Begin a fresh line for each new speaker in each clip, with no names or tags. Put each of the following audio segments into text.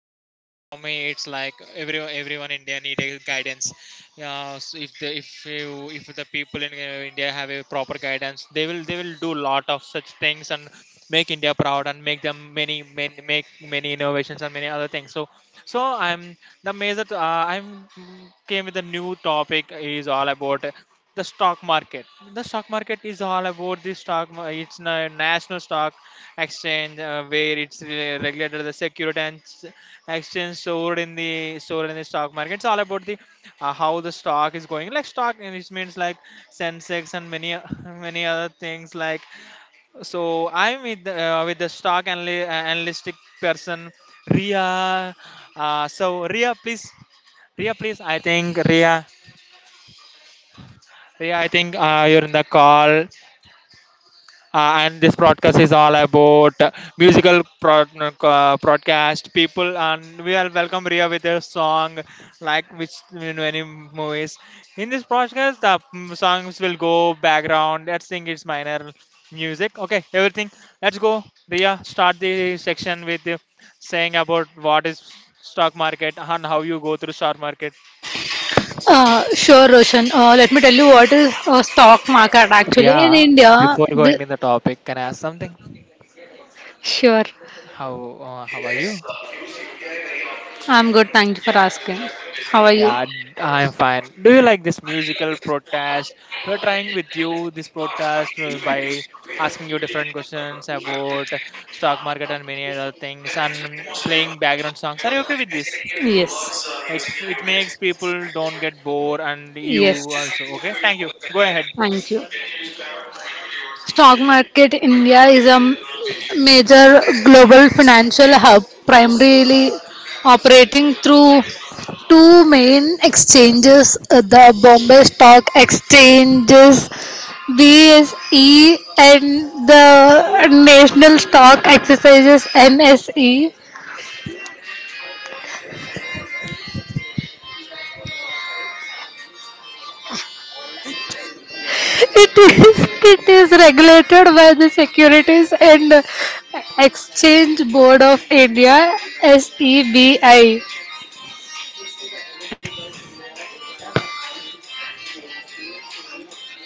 for me it's like everyone in india need a guidance. Uh, so if you if the people in india have a proper guidance, they will do lot of such things and make india proud, and make them many innovations and many other things. So I'm the major I'm came with a new topic is all about the stock market. The stock market is all about the stock mar- it's na- national stock exchange, where it's regulated the security and exchange stored in the stock market. It's all about the, how the stock is going, like stock, and it means like sensex and many other things, like. So I'm with the stock analytic person, Ria. So, Ria, please. I think, Ria, I think you're in the call. And this broadcast is all about, broadcast people, and we will welcome Ria with her song, like which you know any movies. In this broadcast, the songs will go background. Let's think it's minor music, okay, everything. Let's go. Ria, start the section with, saying about what is stock market and how you go through stock market.
Sure, Roshan. Let me tell you what is a stock market actually in
Ria,
India.
before going in the topic, can I ask something?
Sure,
How how are you?
I'm good. Thank you for asking. How
Yeah,
are you?
yeah, I am fine. Do you like this musical protest? We're trying with you this protest by asking you different questions about stock market and many other things and playing background songs. Are you okay with this?
Yes,
It makes people don't get bored, and you
yes.
also okay. Thank you. Go ahead.
Thank you. Stock market India is a major global financial hub, primarily operating through two main exchanges, the Bombay Stock Exchanges BSE and the National Stock Exercises NSE. It is regulated by the Securities and Exchange Board of India SEBI.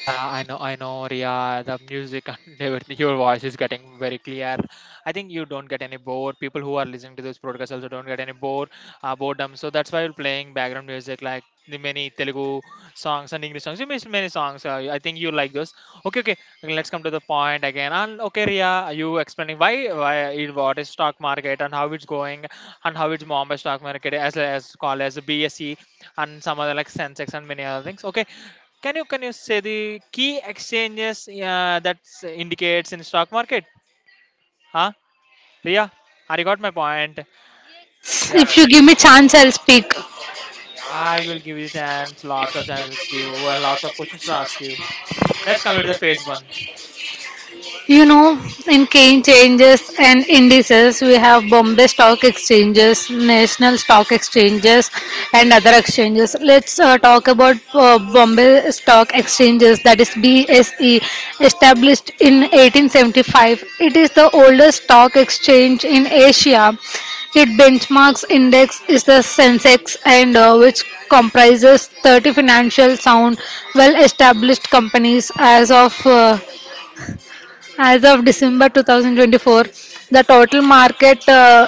Yeah, I know, Ria. The music and everything. Your voice is getting very clear. I think you don't get any bored. People who are listening to this podcast also don't get any bored, boredom. So that's why you're playing background music, like the many Telugu songs and English songs. You miss many songs. I think you like those. Okay, okay. Let's come to the point again. And okay, Ria, you explaining why, what is stock market and how it's going, and how it's Bombay stock market, as called as BSE, and some other, like Sensex and many other things. Okay, can you say the key exchanges that indicates in stock market? Huh? Priya, have you got my point?
Yes,
Yeah,
if you give me chance, I'll speak.
yeah, I will give you chance, lots of chances, give, well, lots of questions to ask you. Let's complete the phase one.
You know, in key changes and indices, we have Bombay Stock Exchanges, National Stock Exchanges, and other exchanges. Let's talk about Bombay Stock Exchanges, that is BSE, established in 1875. It is the oldest stock exchange in Asia. It benchmarks index is the Sensex, and which comprises 30 financial sound well established companies as of December 2024, the total market uh,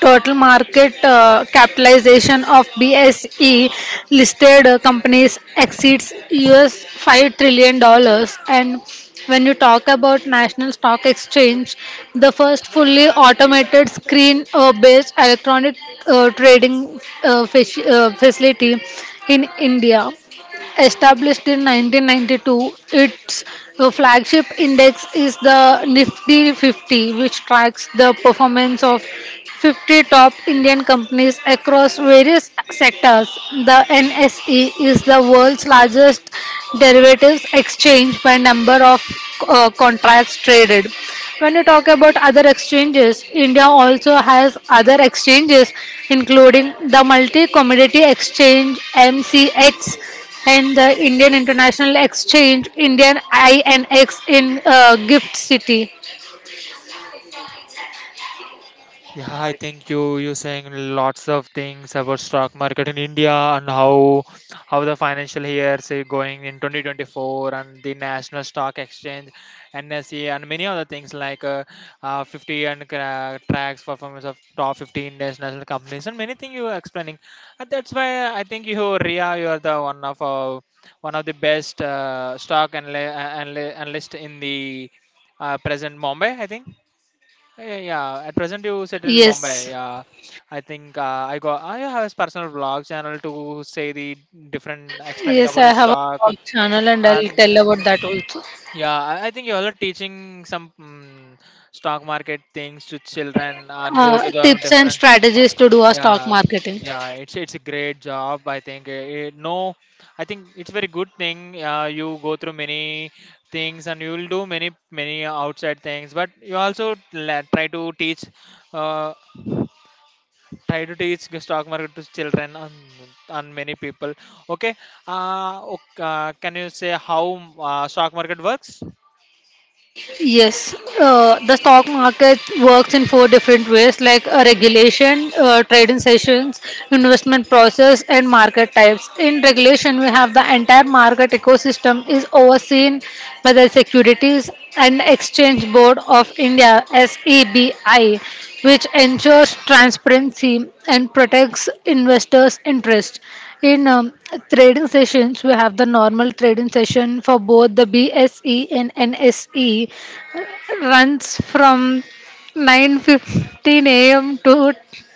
total market uh, capitalization of BSE listed companies exceeds US $5 trillion. And when you talk about National Stock Exchange, the first fully automated screen-based electronic trading facility in India. Established in 1992, its flagship index is the Nifty 50, which tracks the performance of 50 top Indian companies across various sectors. The NSE is the world's largest derivatives exchange by number of contracts traded. When you talk about other exchanges, India also has other exchanges including the Multi Commodity Exchange MCX and the Indian International Exchange, Indian INX in Gift City.
Yeah, I think you saying lots of things about stock market in India, and how the financial years is going in 2024, and the National Stock Exchange, NSE, and many other things, like 50 and tracks performance of top 50 international companies, and many things you are explaining. And that's why I think you, Ria, you are the one of, one of the best, stock analyst in the, present Mumbai, I think. Yeah, yeah, yeah. At present, you settle in Mumbai.
Yes,
Yeah, I think I got. I have his personal vlog channel to say the different, explaining
yes,
about the
I have a
stock,
blog channel and I'll
and
tell about that also.
yeah. I think you're also teaching some stock market things to children and go to the
Tips and
different.
strategies to do a stock
Yeah,
marketing.
yeah. It's a great job, I think. No, I think it's very good thing. You go through many things, and you will do many many outside things, but you also uh, try to teach the stock market to children, and many people. Okay. Can you say how, stock market works?
Yes, the stock market works in four different ways like regulation, trading sessions, investment process, and market types. In regulation, we have the entire market ecosystem is overseen by the Securities and Exchange Board of India (SEBI), which ensures transparency and protects investors' interest. In trading sessions, we have the normal trading session for both the BSE and NSE, runs from 9:15 a.m. to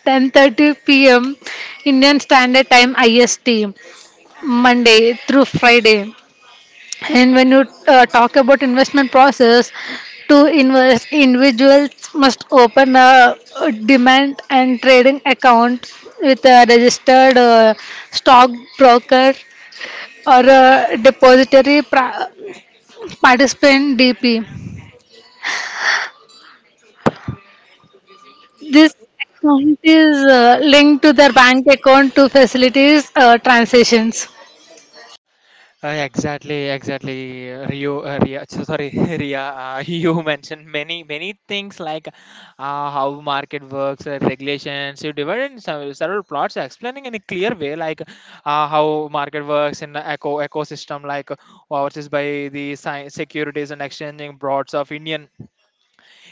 10:30 p.m. Indian Standard Time (IST) Monday through Friday. And when you talk about investment process, to invest, individuals must open a demand and trading account with a registered stock broker or a depository participant DP. This account is linked to their bank account to facilitate transactions.
Exactly, exactly. Ria, sorry, Ria. You mentioned many, many things, like how market works, regulations. You divided in several, several plots, explaining in a clear way, like how market works in the ecosystem, like what is by the securities and exchanging broads of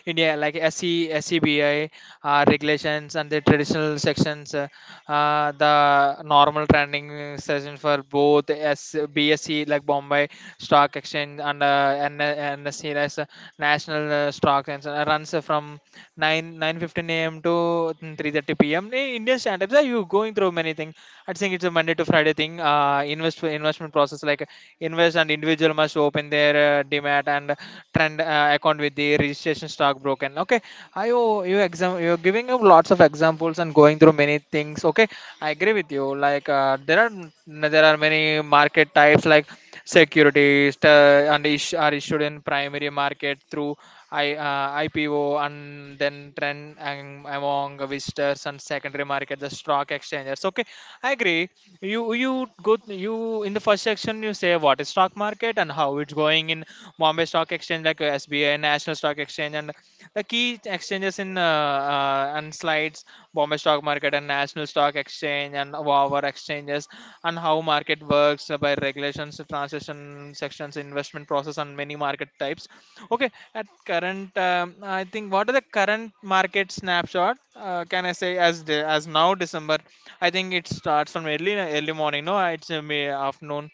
India, like SC, SCBI, regulations, and the traditional sections, the normal trending session for both S, BSE, like Bombay Stock Exchange, and NSE, that's, National Stock Exchange, runs from 9 9:15 a.m. to 3:30 p.m. In Indian standards, are you going through many things? I think it's a Monday to Friday thing. Investment process, like invest and individual must open their demat and trend account with the registration stock broken. Okay, you exam you're giving up lots of examples and going through many things. Okay, I agree with you. Like, there are many market types, like securities and, are issued in primary market through, IPO, and then trend among visitors, and secondary market the stock exchanges. Okay, I agree. You, in the first section, you say what is stock market and how it's going in Bombay Stock Exchange, like SBI, National Stock Exchange, and the key exchanges in, and slides, Bombay Stock Market and National Stock Exchange and our exchanges, and how market works by regulations, transaction sections, investment process, and many market types. Okay, at current, I think what are the current market snapshot? Can I say as as now December? I think it starts from early morning. No, it's, may afternoon.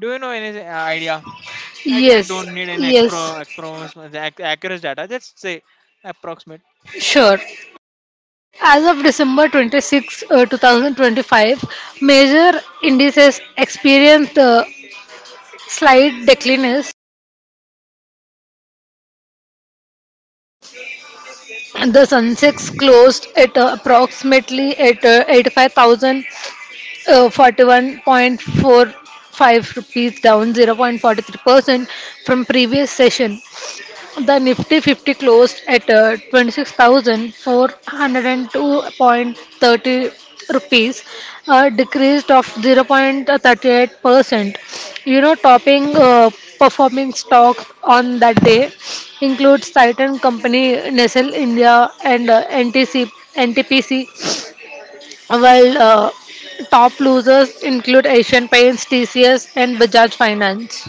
Do you know any idea? I
Yes,
don't need any
yes,
accurate data. Just say approximate.
sure. As of December 26, 2025, major indices experienced slight declines. The Sensex closed at approximately at 85,041.45 rupees, down 0.43% from previous session. The Nifty 50 closed at 26,402.30 rupees, a decrease of 0.38%. You know, topping performing stocks on that day includes Titan Company, Nestle India, and NTPC, while top losers include Asian Paints, TCS, and Bajaj Finance.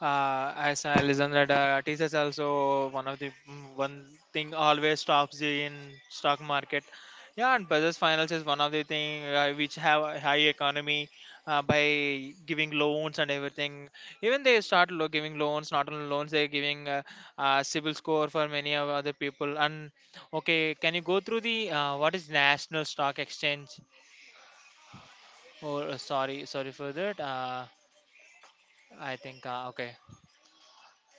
As I listen that, it is also one of the, one thing always stops the in stock market. Yeah, and business finance is one of the thing, which have a high economy, by giving loans and everything. Even they start, giving loans, not only loans they're giving, civil score for many of other people. And okay, can you go through the, what is national stock exchange? Oh, sorry, sorry for that. I think okay.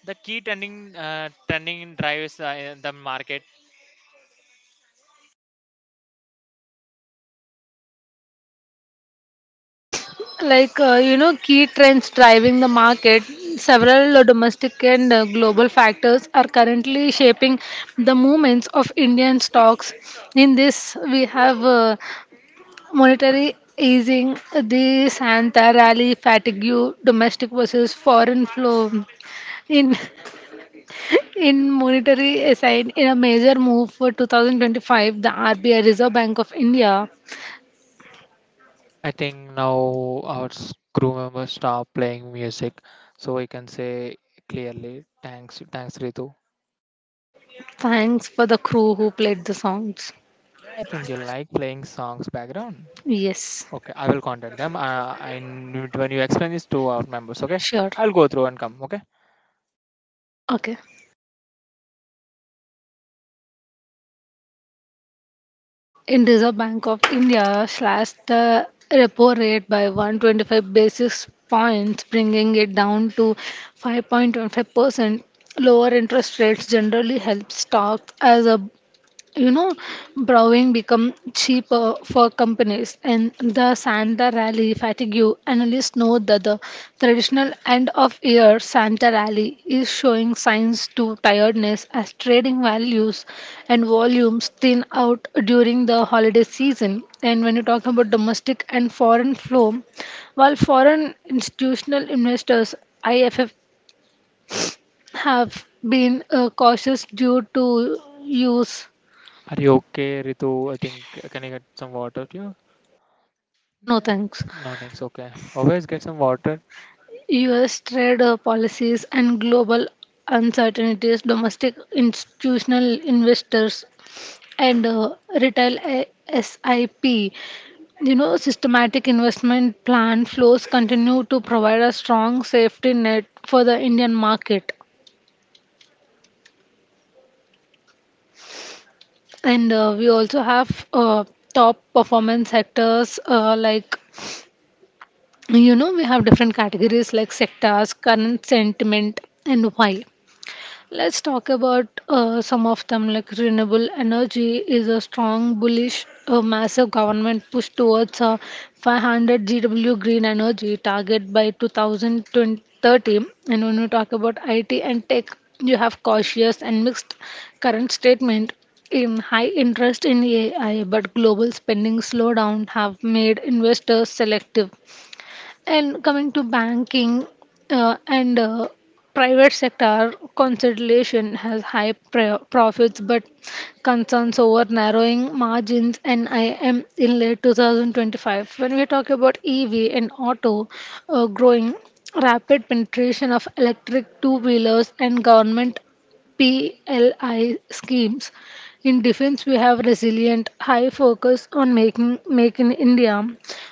The key trending, trending drives, in the market.
Like, you know, key trends driving the market, several domestic and global factors are currently shaping the movements of Indian stocks. In this, we have monetary easing, the Santa rally, fatigue, domestic versus foreign flow. In in monetary aside, in a major move for 2025, the RBI Reserve Bank of India.
I think now our crew members stop playing music, so we can say clearly. Thanks, thanks Ritu.
Thanks for the crew who played the songs.
Yeah, I think you like playing songs background.
Yes,
Okay, I will contact them. And when you explain this to our members, okay,
sure.
I'll go through and come. Okay,
Okay. In Reserve Bank of India slashed the repo rate by 125 basis points, bringing it down to 5.25%. Lower interest rates generally help stocks as a you know brewing become cheaper for companies. And the Santa rally fatigue. Analysts know that the traditional end of year Santa rally is showing signs to tiredness as trading values and volumes thin out during the holiday season. And when you talk about domestic and foreign flow, while foreign institutional investors, IFF, have been cautious due to use.
are you okay, Ritu? I think, can I get some water to you?
No, thanks.
No, thanks. Okay, always get some water.
US trade policies and global uncertainties, domestic institutional investors, and retail SIP. You know, systematic investment plan flows continue to provide a strong safety net for the Indian market. And we also have top performance sectors like, you know, we have different categories like sectors, current sentiment, and why. Let's talk about some of them like renewable energy is a strong bullish, a massive government push towards a 500 GW green energy target by 2030. And when you talk about IT and tech, you have cautious and mixed current statement. In high interest in AI but global spending slowdown have made investors selective. And coming to banking, and private sector consolidation has high profits but concerns over narrowing margins and IM in late 2025. When we talk about EV and auto, growing, rapid penetration of electric two-wheelers and government PLI schemes. In defense, we have resilient, high focus on making make in India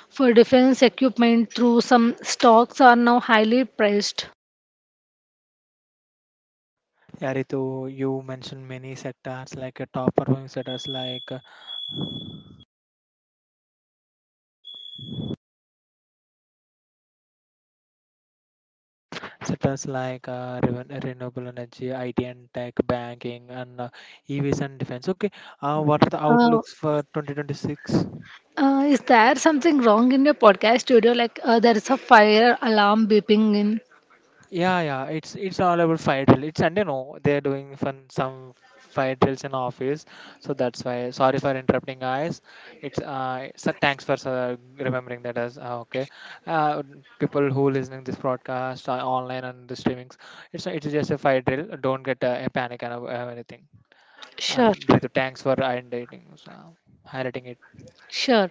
for defense equipment through some stocks are now highly priced.
Yeah, Ritu, you mentioned many sectors, like top performing sectors, like renewable energy, IT and tech, banking, and EVs and defense. Okay, what are the
Uh,
outlooks for 2026?
is there something wrong in your podcast studio? Like there is a fire alarm beeping in.
Yeah, yeah. It's all about fire drill. It's Sunday, no. They are doing fun some fire drills in office, so that's why. Sorry for interrupting, guys. It's, so thanks for remembering that as, okay. Uh, People who listening this broadcast, online and the streamings, it's, it's just a fire drill. Don't get a panic and anything.
Sure,
And Ritu, thanks for highlighting so, highlighting it.
sure.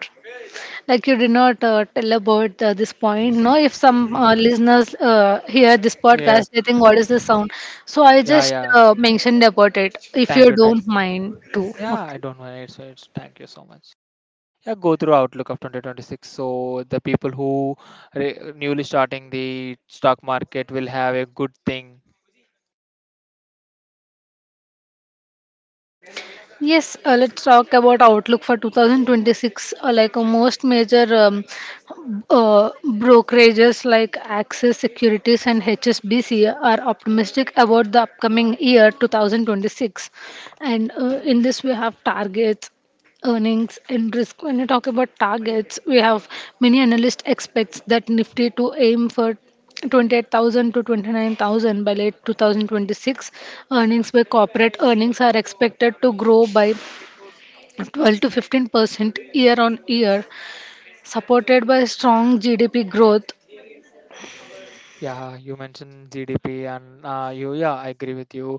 Like you did not tell about this point. No, if some listeners hear this podcast,
Yes.
they think what is the sound. So I
Yeah,
just
yeah.
mentioned about it. If
Thank
you
you, thank
don't
you.
mind, too.
Yeah, I
Okay.
don't mind. It's thank you so much. Yeah, go through outlook of 2026, so the people who newly starting the stock market will have a good thing.
Yes, let's talk about outlook for 2026. Like most major brokerages like Axis Securities and HSBC are optimistic about the upcoming year 2026. And in this, we have targets, earnings and risk. When we talk about targets, we have many analysts expects that Nifty to aim for 28,000 to 29,000 by late 2026. Earnings by corporate earnings are expected to grow by 12 to 15% year on year, supported by strong GDP growth.
Yeah, you mentioned GDP, and you, yeah, I agree with you.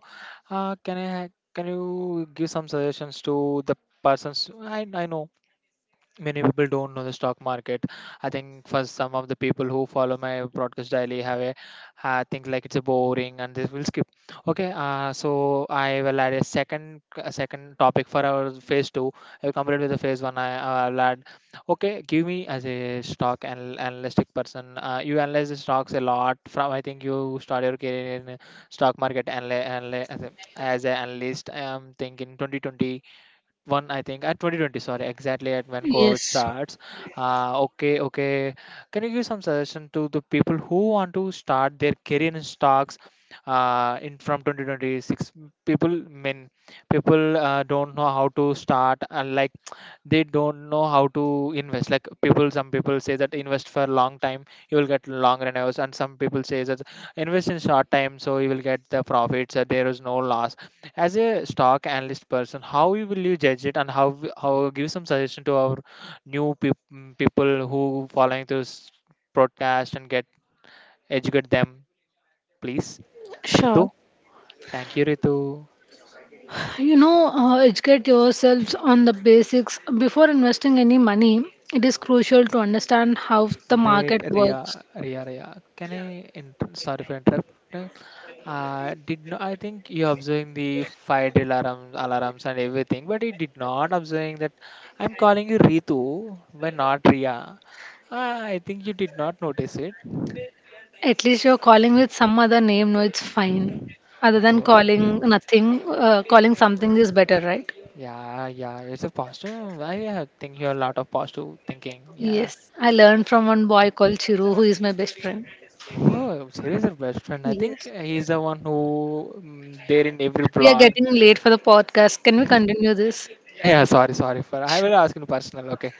Uh, can you give some suggestions to the persons? I know many people don't know the stock market. I think for some of the people who follow my broadcast daily have a think like it's a boring and they will skip. Okay, so I will add a second topic for our phase two. I'll compare it with the phase one. I will add. Okay, give me, as a stock and analytic person, you analyze the stocks a lot. From I think you start your career in stock market as a analyst. I am thinking 2020 one. I think at 2020, sorry, exactly at when COVID
Yes.
starts. Okay, okay, can you give some suggestion to the people who want to start their career in stocks in from 2026? People mean people don't know how to start, and like they don't know how to invest. Like people, some people say that invest for a long time you will get long revenues, and some people say that invest in short time so you will get the profits. There is no loss. As a stock analyst person, how you will you judge it, and how how give some suggestion to our people who following this podcast and get educate them, please? Ritu,
Sure.
thank you, Ritu.
You know, educate yourselves on the basics. Before investing any money, it is crucial to understand how the
Wait,
market
Ria,
works.
Ria, Ria, can I sorry for interrupting. Uh, did not, I think you observing the fire drill alarms and everything, but he did not observing that. I'm calling you Ritu, when not Ria. Ah, I think you did not notice it.
At least you're calling with some other name. No, it's fine. Other than
Oh,
calling nothing, calling something is better, right?
yeah, yeah, it's a positive. I think you're a lot of positive thinking. Yeah.
Yes. I learned from one boy called Chiru, who is my best friend.
Oh, serious, your best friend? I think
Yes.
he's the one who there in every
We are
blog.
getting late for the podcast. Can we continue this?
Yeah, yeah. Sorry, sorry for. I will
Sure.
ask in personal. Okay.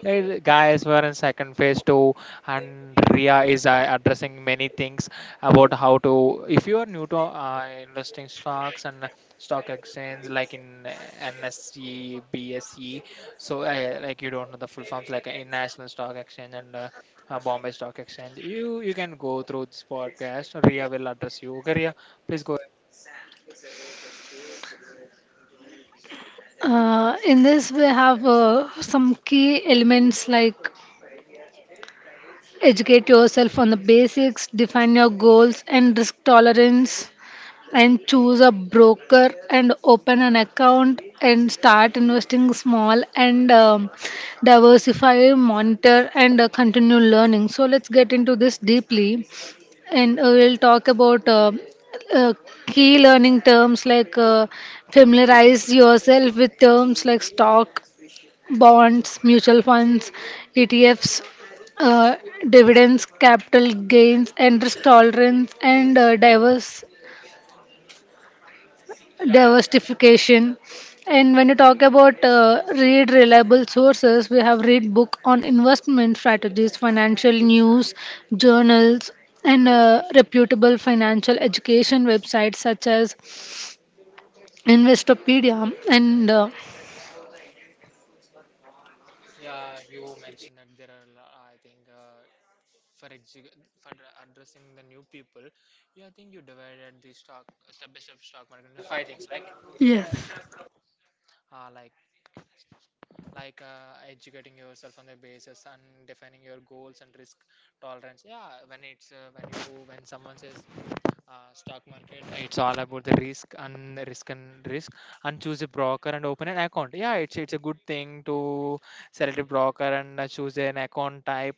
Hey guys, we're in second phase two, and Ria is addressing many things about how to. If you are new to investing stocks and stock exchange, like in NSE, BSE, so like you don't know the full forms, like in National Stock Exchange and Bombay Stock Exchange, you can go through this podcast. Ria will address you. Okay, Ria, please go.
In this, we have some key elements like educate yourself on the basics, define your goals, and risk tolerance. And choose a broker and open an account and start investing small and, diversify, monitor and continue learning. So let's get into this deeply, and we'll talk about uh, key learning terms like familiarize yourself with terms like stock, bonds, mutual funds, ETFs, uh, dividends, capital gains, and risk tolerance, and diverse diversification. And when you talk about read reliable sources, we have read book on investment strategies, financial news, journals, and reputable financial education websites such as Investopedia. And
Yeah, you mentioned that there are, I think, for exec- for addressing the new people. Yeah, I think you divided the stock step by step stock market into five things, like
yes.
uh, like like educating yourself on the basis, and defining your goals and risk tolerance. Yeah, when it's when you, when someone says uh, stock market, it's all about the risk and risk and risk. And choose a broker and open an account. Yeah, it's a good thing to select a broker and choose an account type,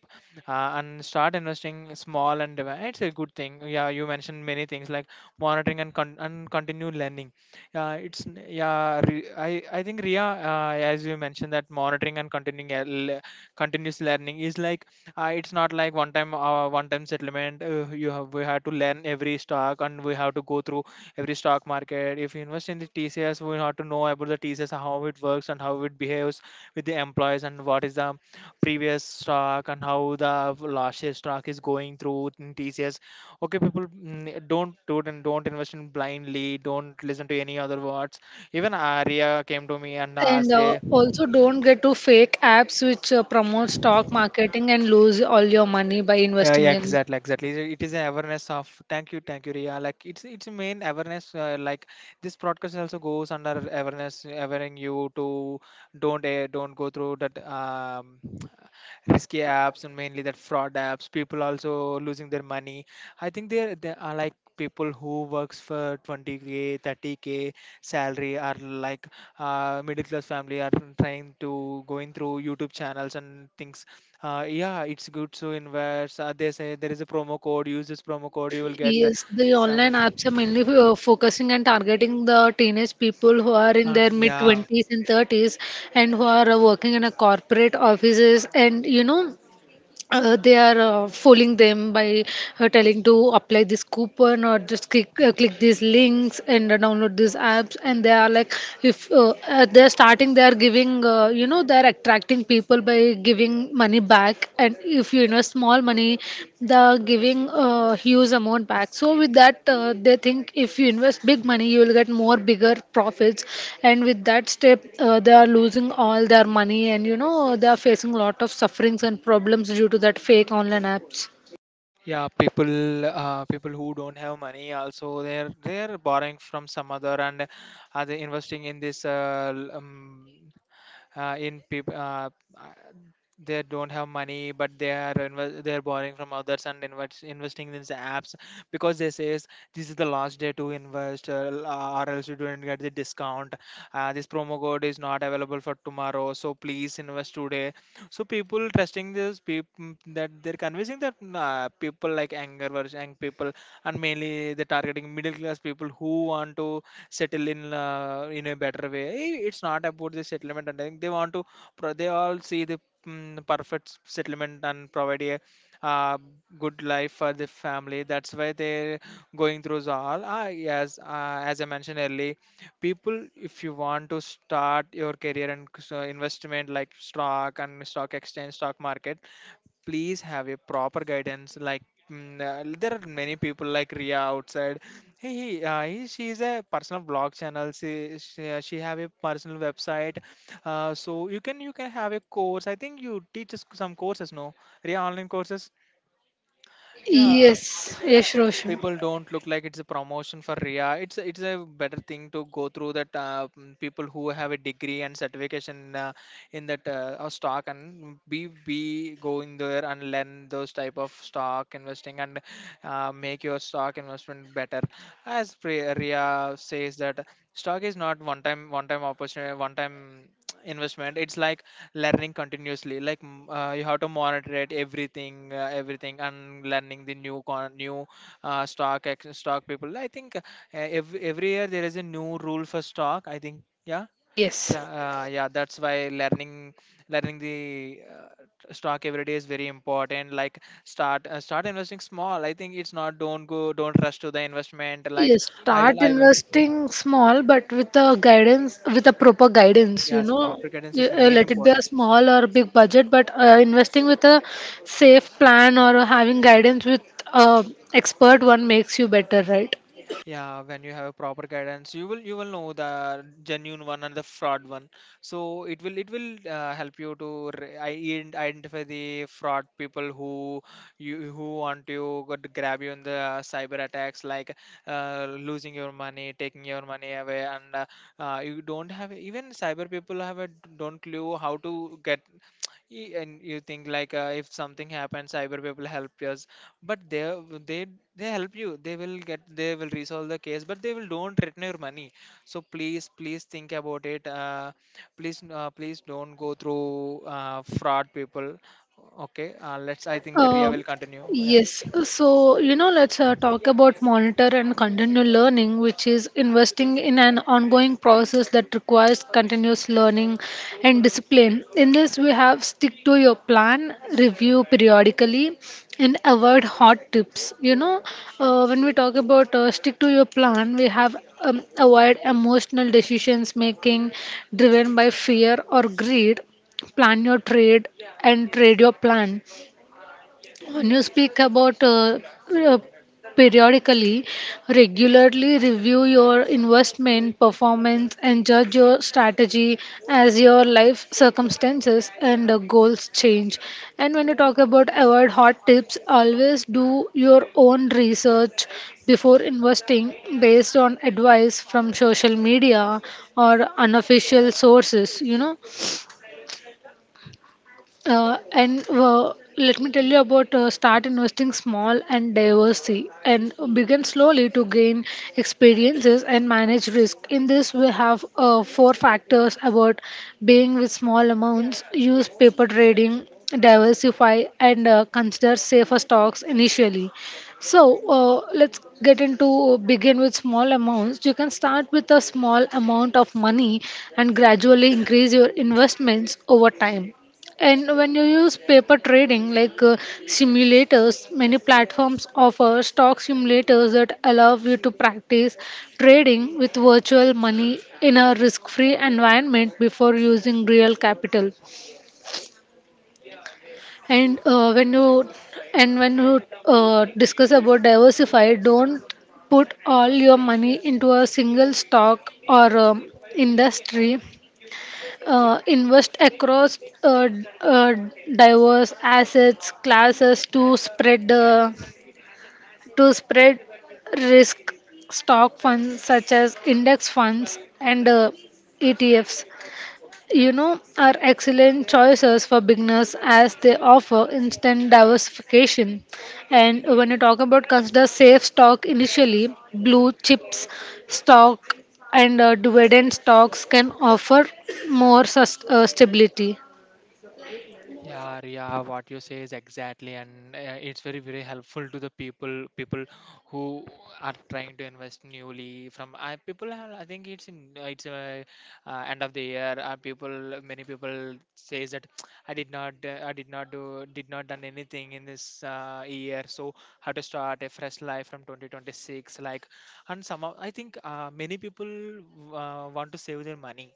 and start investing small and it's a good thing. Yeah, you mentioned many things like monitoring and continued learning. Yeah, it's n- yeah re- I think, Ria, as you mentioned that monitoring and continuing continuous learning is like, it's not like one time settlement. You have We have to learn every stock and we have to go through every stock market. If you invest in the TCS, we have to know about the TCS, how it works and how it behaves with the employees, and what is the previous stock, and how the last year stock is going through in TCS. Okay people, don't do it, and don't invest in blindly, don't listen to any other words. Even Arya came to me and
And
asked, eh,
also don't get to fake apps which promote stock marketing and lose all your money by
yeah, yeah,
investing in.
exactly, exactly. It is an awareness of, thank you, Ria. Like it's a main awareness. Like this broadcast also goes under awareness, awareing you to don't go through that risky apps, and mainly that fraud apps. People also losing their money. I think they are like people who works for 20K, 30K salary are like middle class family are trying to going through YouTube channels and things. Uh, yeah, it's good to invest. They say there is a promo code. Use this promo code, you will get
Yes, the online
some.
apps are mainly focusing and targeting the teenage people who are in their
And
mid
yeah,
20s and 30s and who are working in a corporate offices, and you know they are fooling them by telling to apply this coupon or just click these links and download these apps. And they are like, if at their starting they are giving you know they are attracting people by giving money back, and if you invest more small money, the giving a huge amount back. So with that, they think if you invest big money, you will get more bigger profits. And with that step, they are losing all their money, and you know they are facing a lot of sufferings and problems due to that fake online apps.
yeah, people, people who don't have money also, they're borrowing from some other, and are they investing in this l- in people uh, they don't have money, but they are they are borrowing from others and investing in the apps, because they says this is the last day to invest or else you don't get the discount. This promo code is not available for tomorrow, so please invest today. So people trusting this people that they're convincing that people like anger versus young people, and mainly they're targeting middle class people who want to settle in a better way. I- It's not about the settlement, and I think they want to. They all see the perfect settlement and provide a uh, good life for the family. That's why they're going through all. Ah, yes, as I mentioned earlier, people, if you want to start your career and so investment like stock and stock exchange, stock market, please have a proper guidance, like there are many people like Ria outside. Hey, hey, she is a personal blog channel. She have a personal website. So you can have a course. I think you teach us some courses, no? Ria online courses. Yeah,
Yes,
yeah.
yes, Roshan.
People, don't look like it's a promotion for Ria. It's a better thing to go through that. People who have a degree and certification, uh, in that stock, and we go in there and learn those type of stock investing, and make your stock investment better. As Ria says that stock is not one time opportunity, one time investment. It's like learning continuously, like you have to monitor it, everything everything, and learning the new new stock stock people. I think every year there is a new rule for stock, I think. Yeah?
Yes.
Yeah, that's why learning the stock every day is very important. Like start investing small. I think it's not, don't go, don't rush to the investment. Like
Yes,
I will,
start
I will,
investing small, but with a guidance, with a proper guidance, you
yes,
know,
proper guidance is main
Let it be
important.
a small or big budget, but investing with a safe plan or having guidance with uh, expert one makes you better, right?
Yeah, when you have a proper guidance, you will know the genuine one and the fraud one. So it will help you to identify the fraud people, who you who want to grab you in the cyber attacks, like losing your money, taking your money away. And you don't have, even cyber people have a, don't clue how to get. Y- and you think like if something happens, cyber people helped us, but they they help you, they will get, they will resolve the case, but they will don't return your money. So please, please think about it, please don't go through fraud people. Okay, let's, I think Ria
Uh,
will continue, yeah.
yes. So, you know, let's talk about monitor and continual learning, which is investing in an ongoing process that requires continuous learning and discipline. In this, we have stick to your plan, review periodically, and avoid hot tips. You know, when we talk about stick to your plan, we have, avoid emotional decisions making driven by fear or greed. Plan your trade and trade your plan. When you speak about uh, periodically, regularly review your investment performance and judge your strategy as your life circumstances and goals change. And when you talk about avoid hot tips, always do your own research before investing based on advice from social media or unofficial sources, you know, and let me tell you about start investing small and diversity and begin slowly to gain experiences and manage risk. In this, we have four factors about being with small amounts, use paper trading, diversify, and consider safer stocks initially. So let's get into begin with small amounts. You can start with a small amount of money and gradually increase your investments over time. And when you use paper trading like simulators, many platforms offer stock simulators that allow you to practice trading with virtual money in a risk free environment before using real capital. And when you and when you discuss about diversify, don't put all your money into a single stock or industry. Invest across uh, d- uh, diverse assets classes to spread risk. Stock funds such as index funds and ETFs, you know, are excellent choices for beginners as they offer instant diversification. And when you talk about consider safe stock initially, blue chips stock and dividend stocks can offer more stability.
Yeah, Ria, what you say is exactly, and it's very, very helpful to the people who are trying to invest newly. From I people are, I think it's in it's end of the year. People, many people says that I did not did not done anything in this year. So how to start a fresh life from 2026? Like, and some, of- I think many people want to save their money.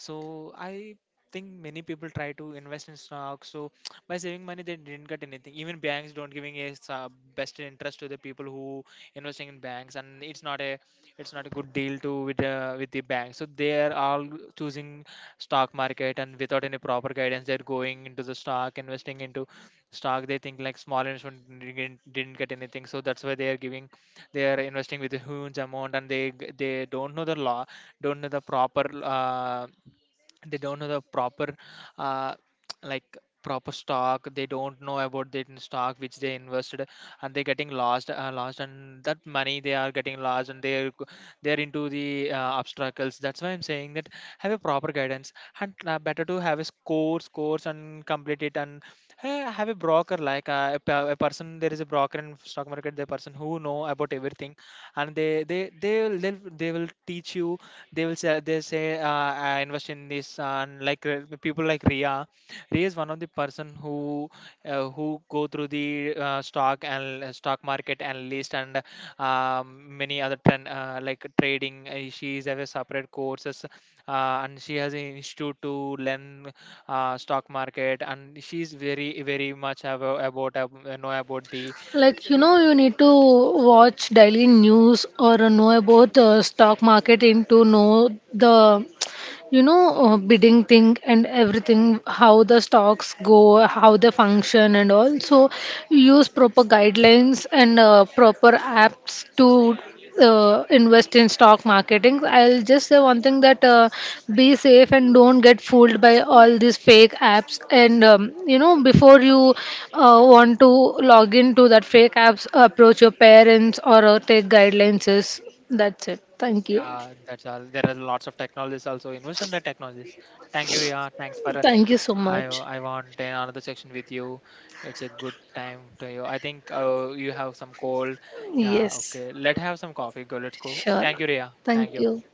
So I think many people try to invest in stocks, so by saving money they didn't get anything. Even banks don't giving a best interest to the people who investing in banks, and it's not a good deal to with the bank. So they are all choosing stock market, and without any proper guidance they're going into the stock, investing into stock. They think like small investment didn't get anything, so that's why they are giving, they are investing with a huge amount, and they don't know the law, don't know the proper they don't know the proper uh, like proper stock. They don't know about the stock which they invested, and they're getting lost, and that money they are getting lost, and they're into the obstacles. That's why I'm saying that have a proper guidance, and better to have a course and complete it, and have a broker, like a, a person. There is a broker in stock market, the person who know about everything, and they will teach you. They will say, they say I invest in this, and like the people like Ria. Ria is one of the person who go through the stock and stock market analyst, and many other trend like trading. She is have a separate courses, and she has an institute to learn stock market, and she's very very much have a- about know about the.
Like, you know, you need to watch daily news or know about the stock market and to know the, bidding thing and everything, how the stocks go, how they function and all. So, use proper guidelines and proper apps to invest in stock marketing. I'll just say one thing: that be safe and don't get fooled by all these fake apps. And, you know, before you want to log into that fake apps, approach your parents or take guidelines. That's it. Thank you.
Yeah, that's all. There are lots of technologies also. Invest in the technologies. Thank you, Ria. Thanks for, uh,
Thank you so
I
much.
I want another section with you. It's a good time to you. I think you have some cold. Yeah,
Yes,
okay. Let have some coffee. Go. Let's go.
sure.
Thank you, Ria. Thank
Thank
you.
you.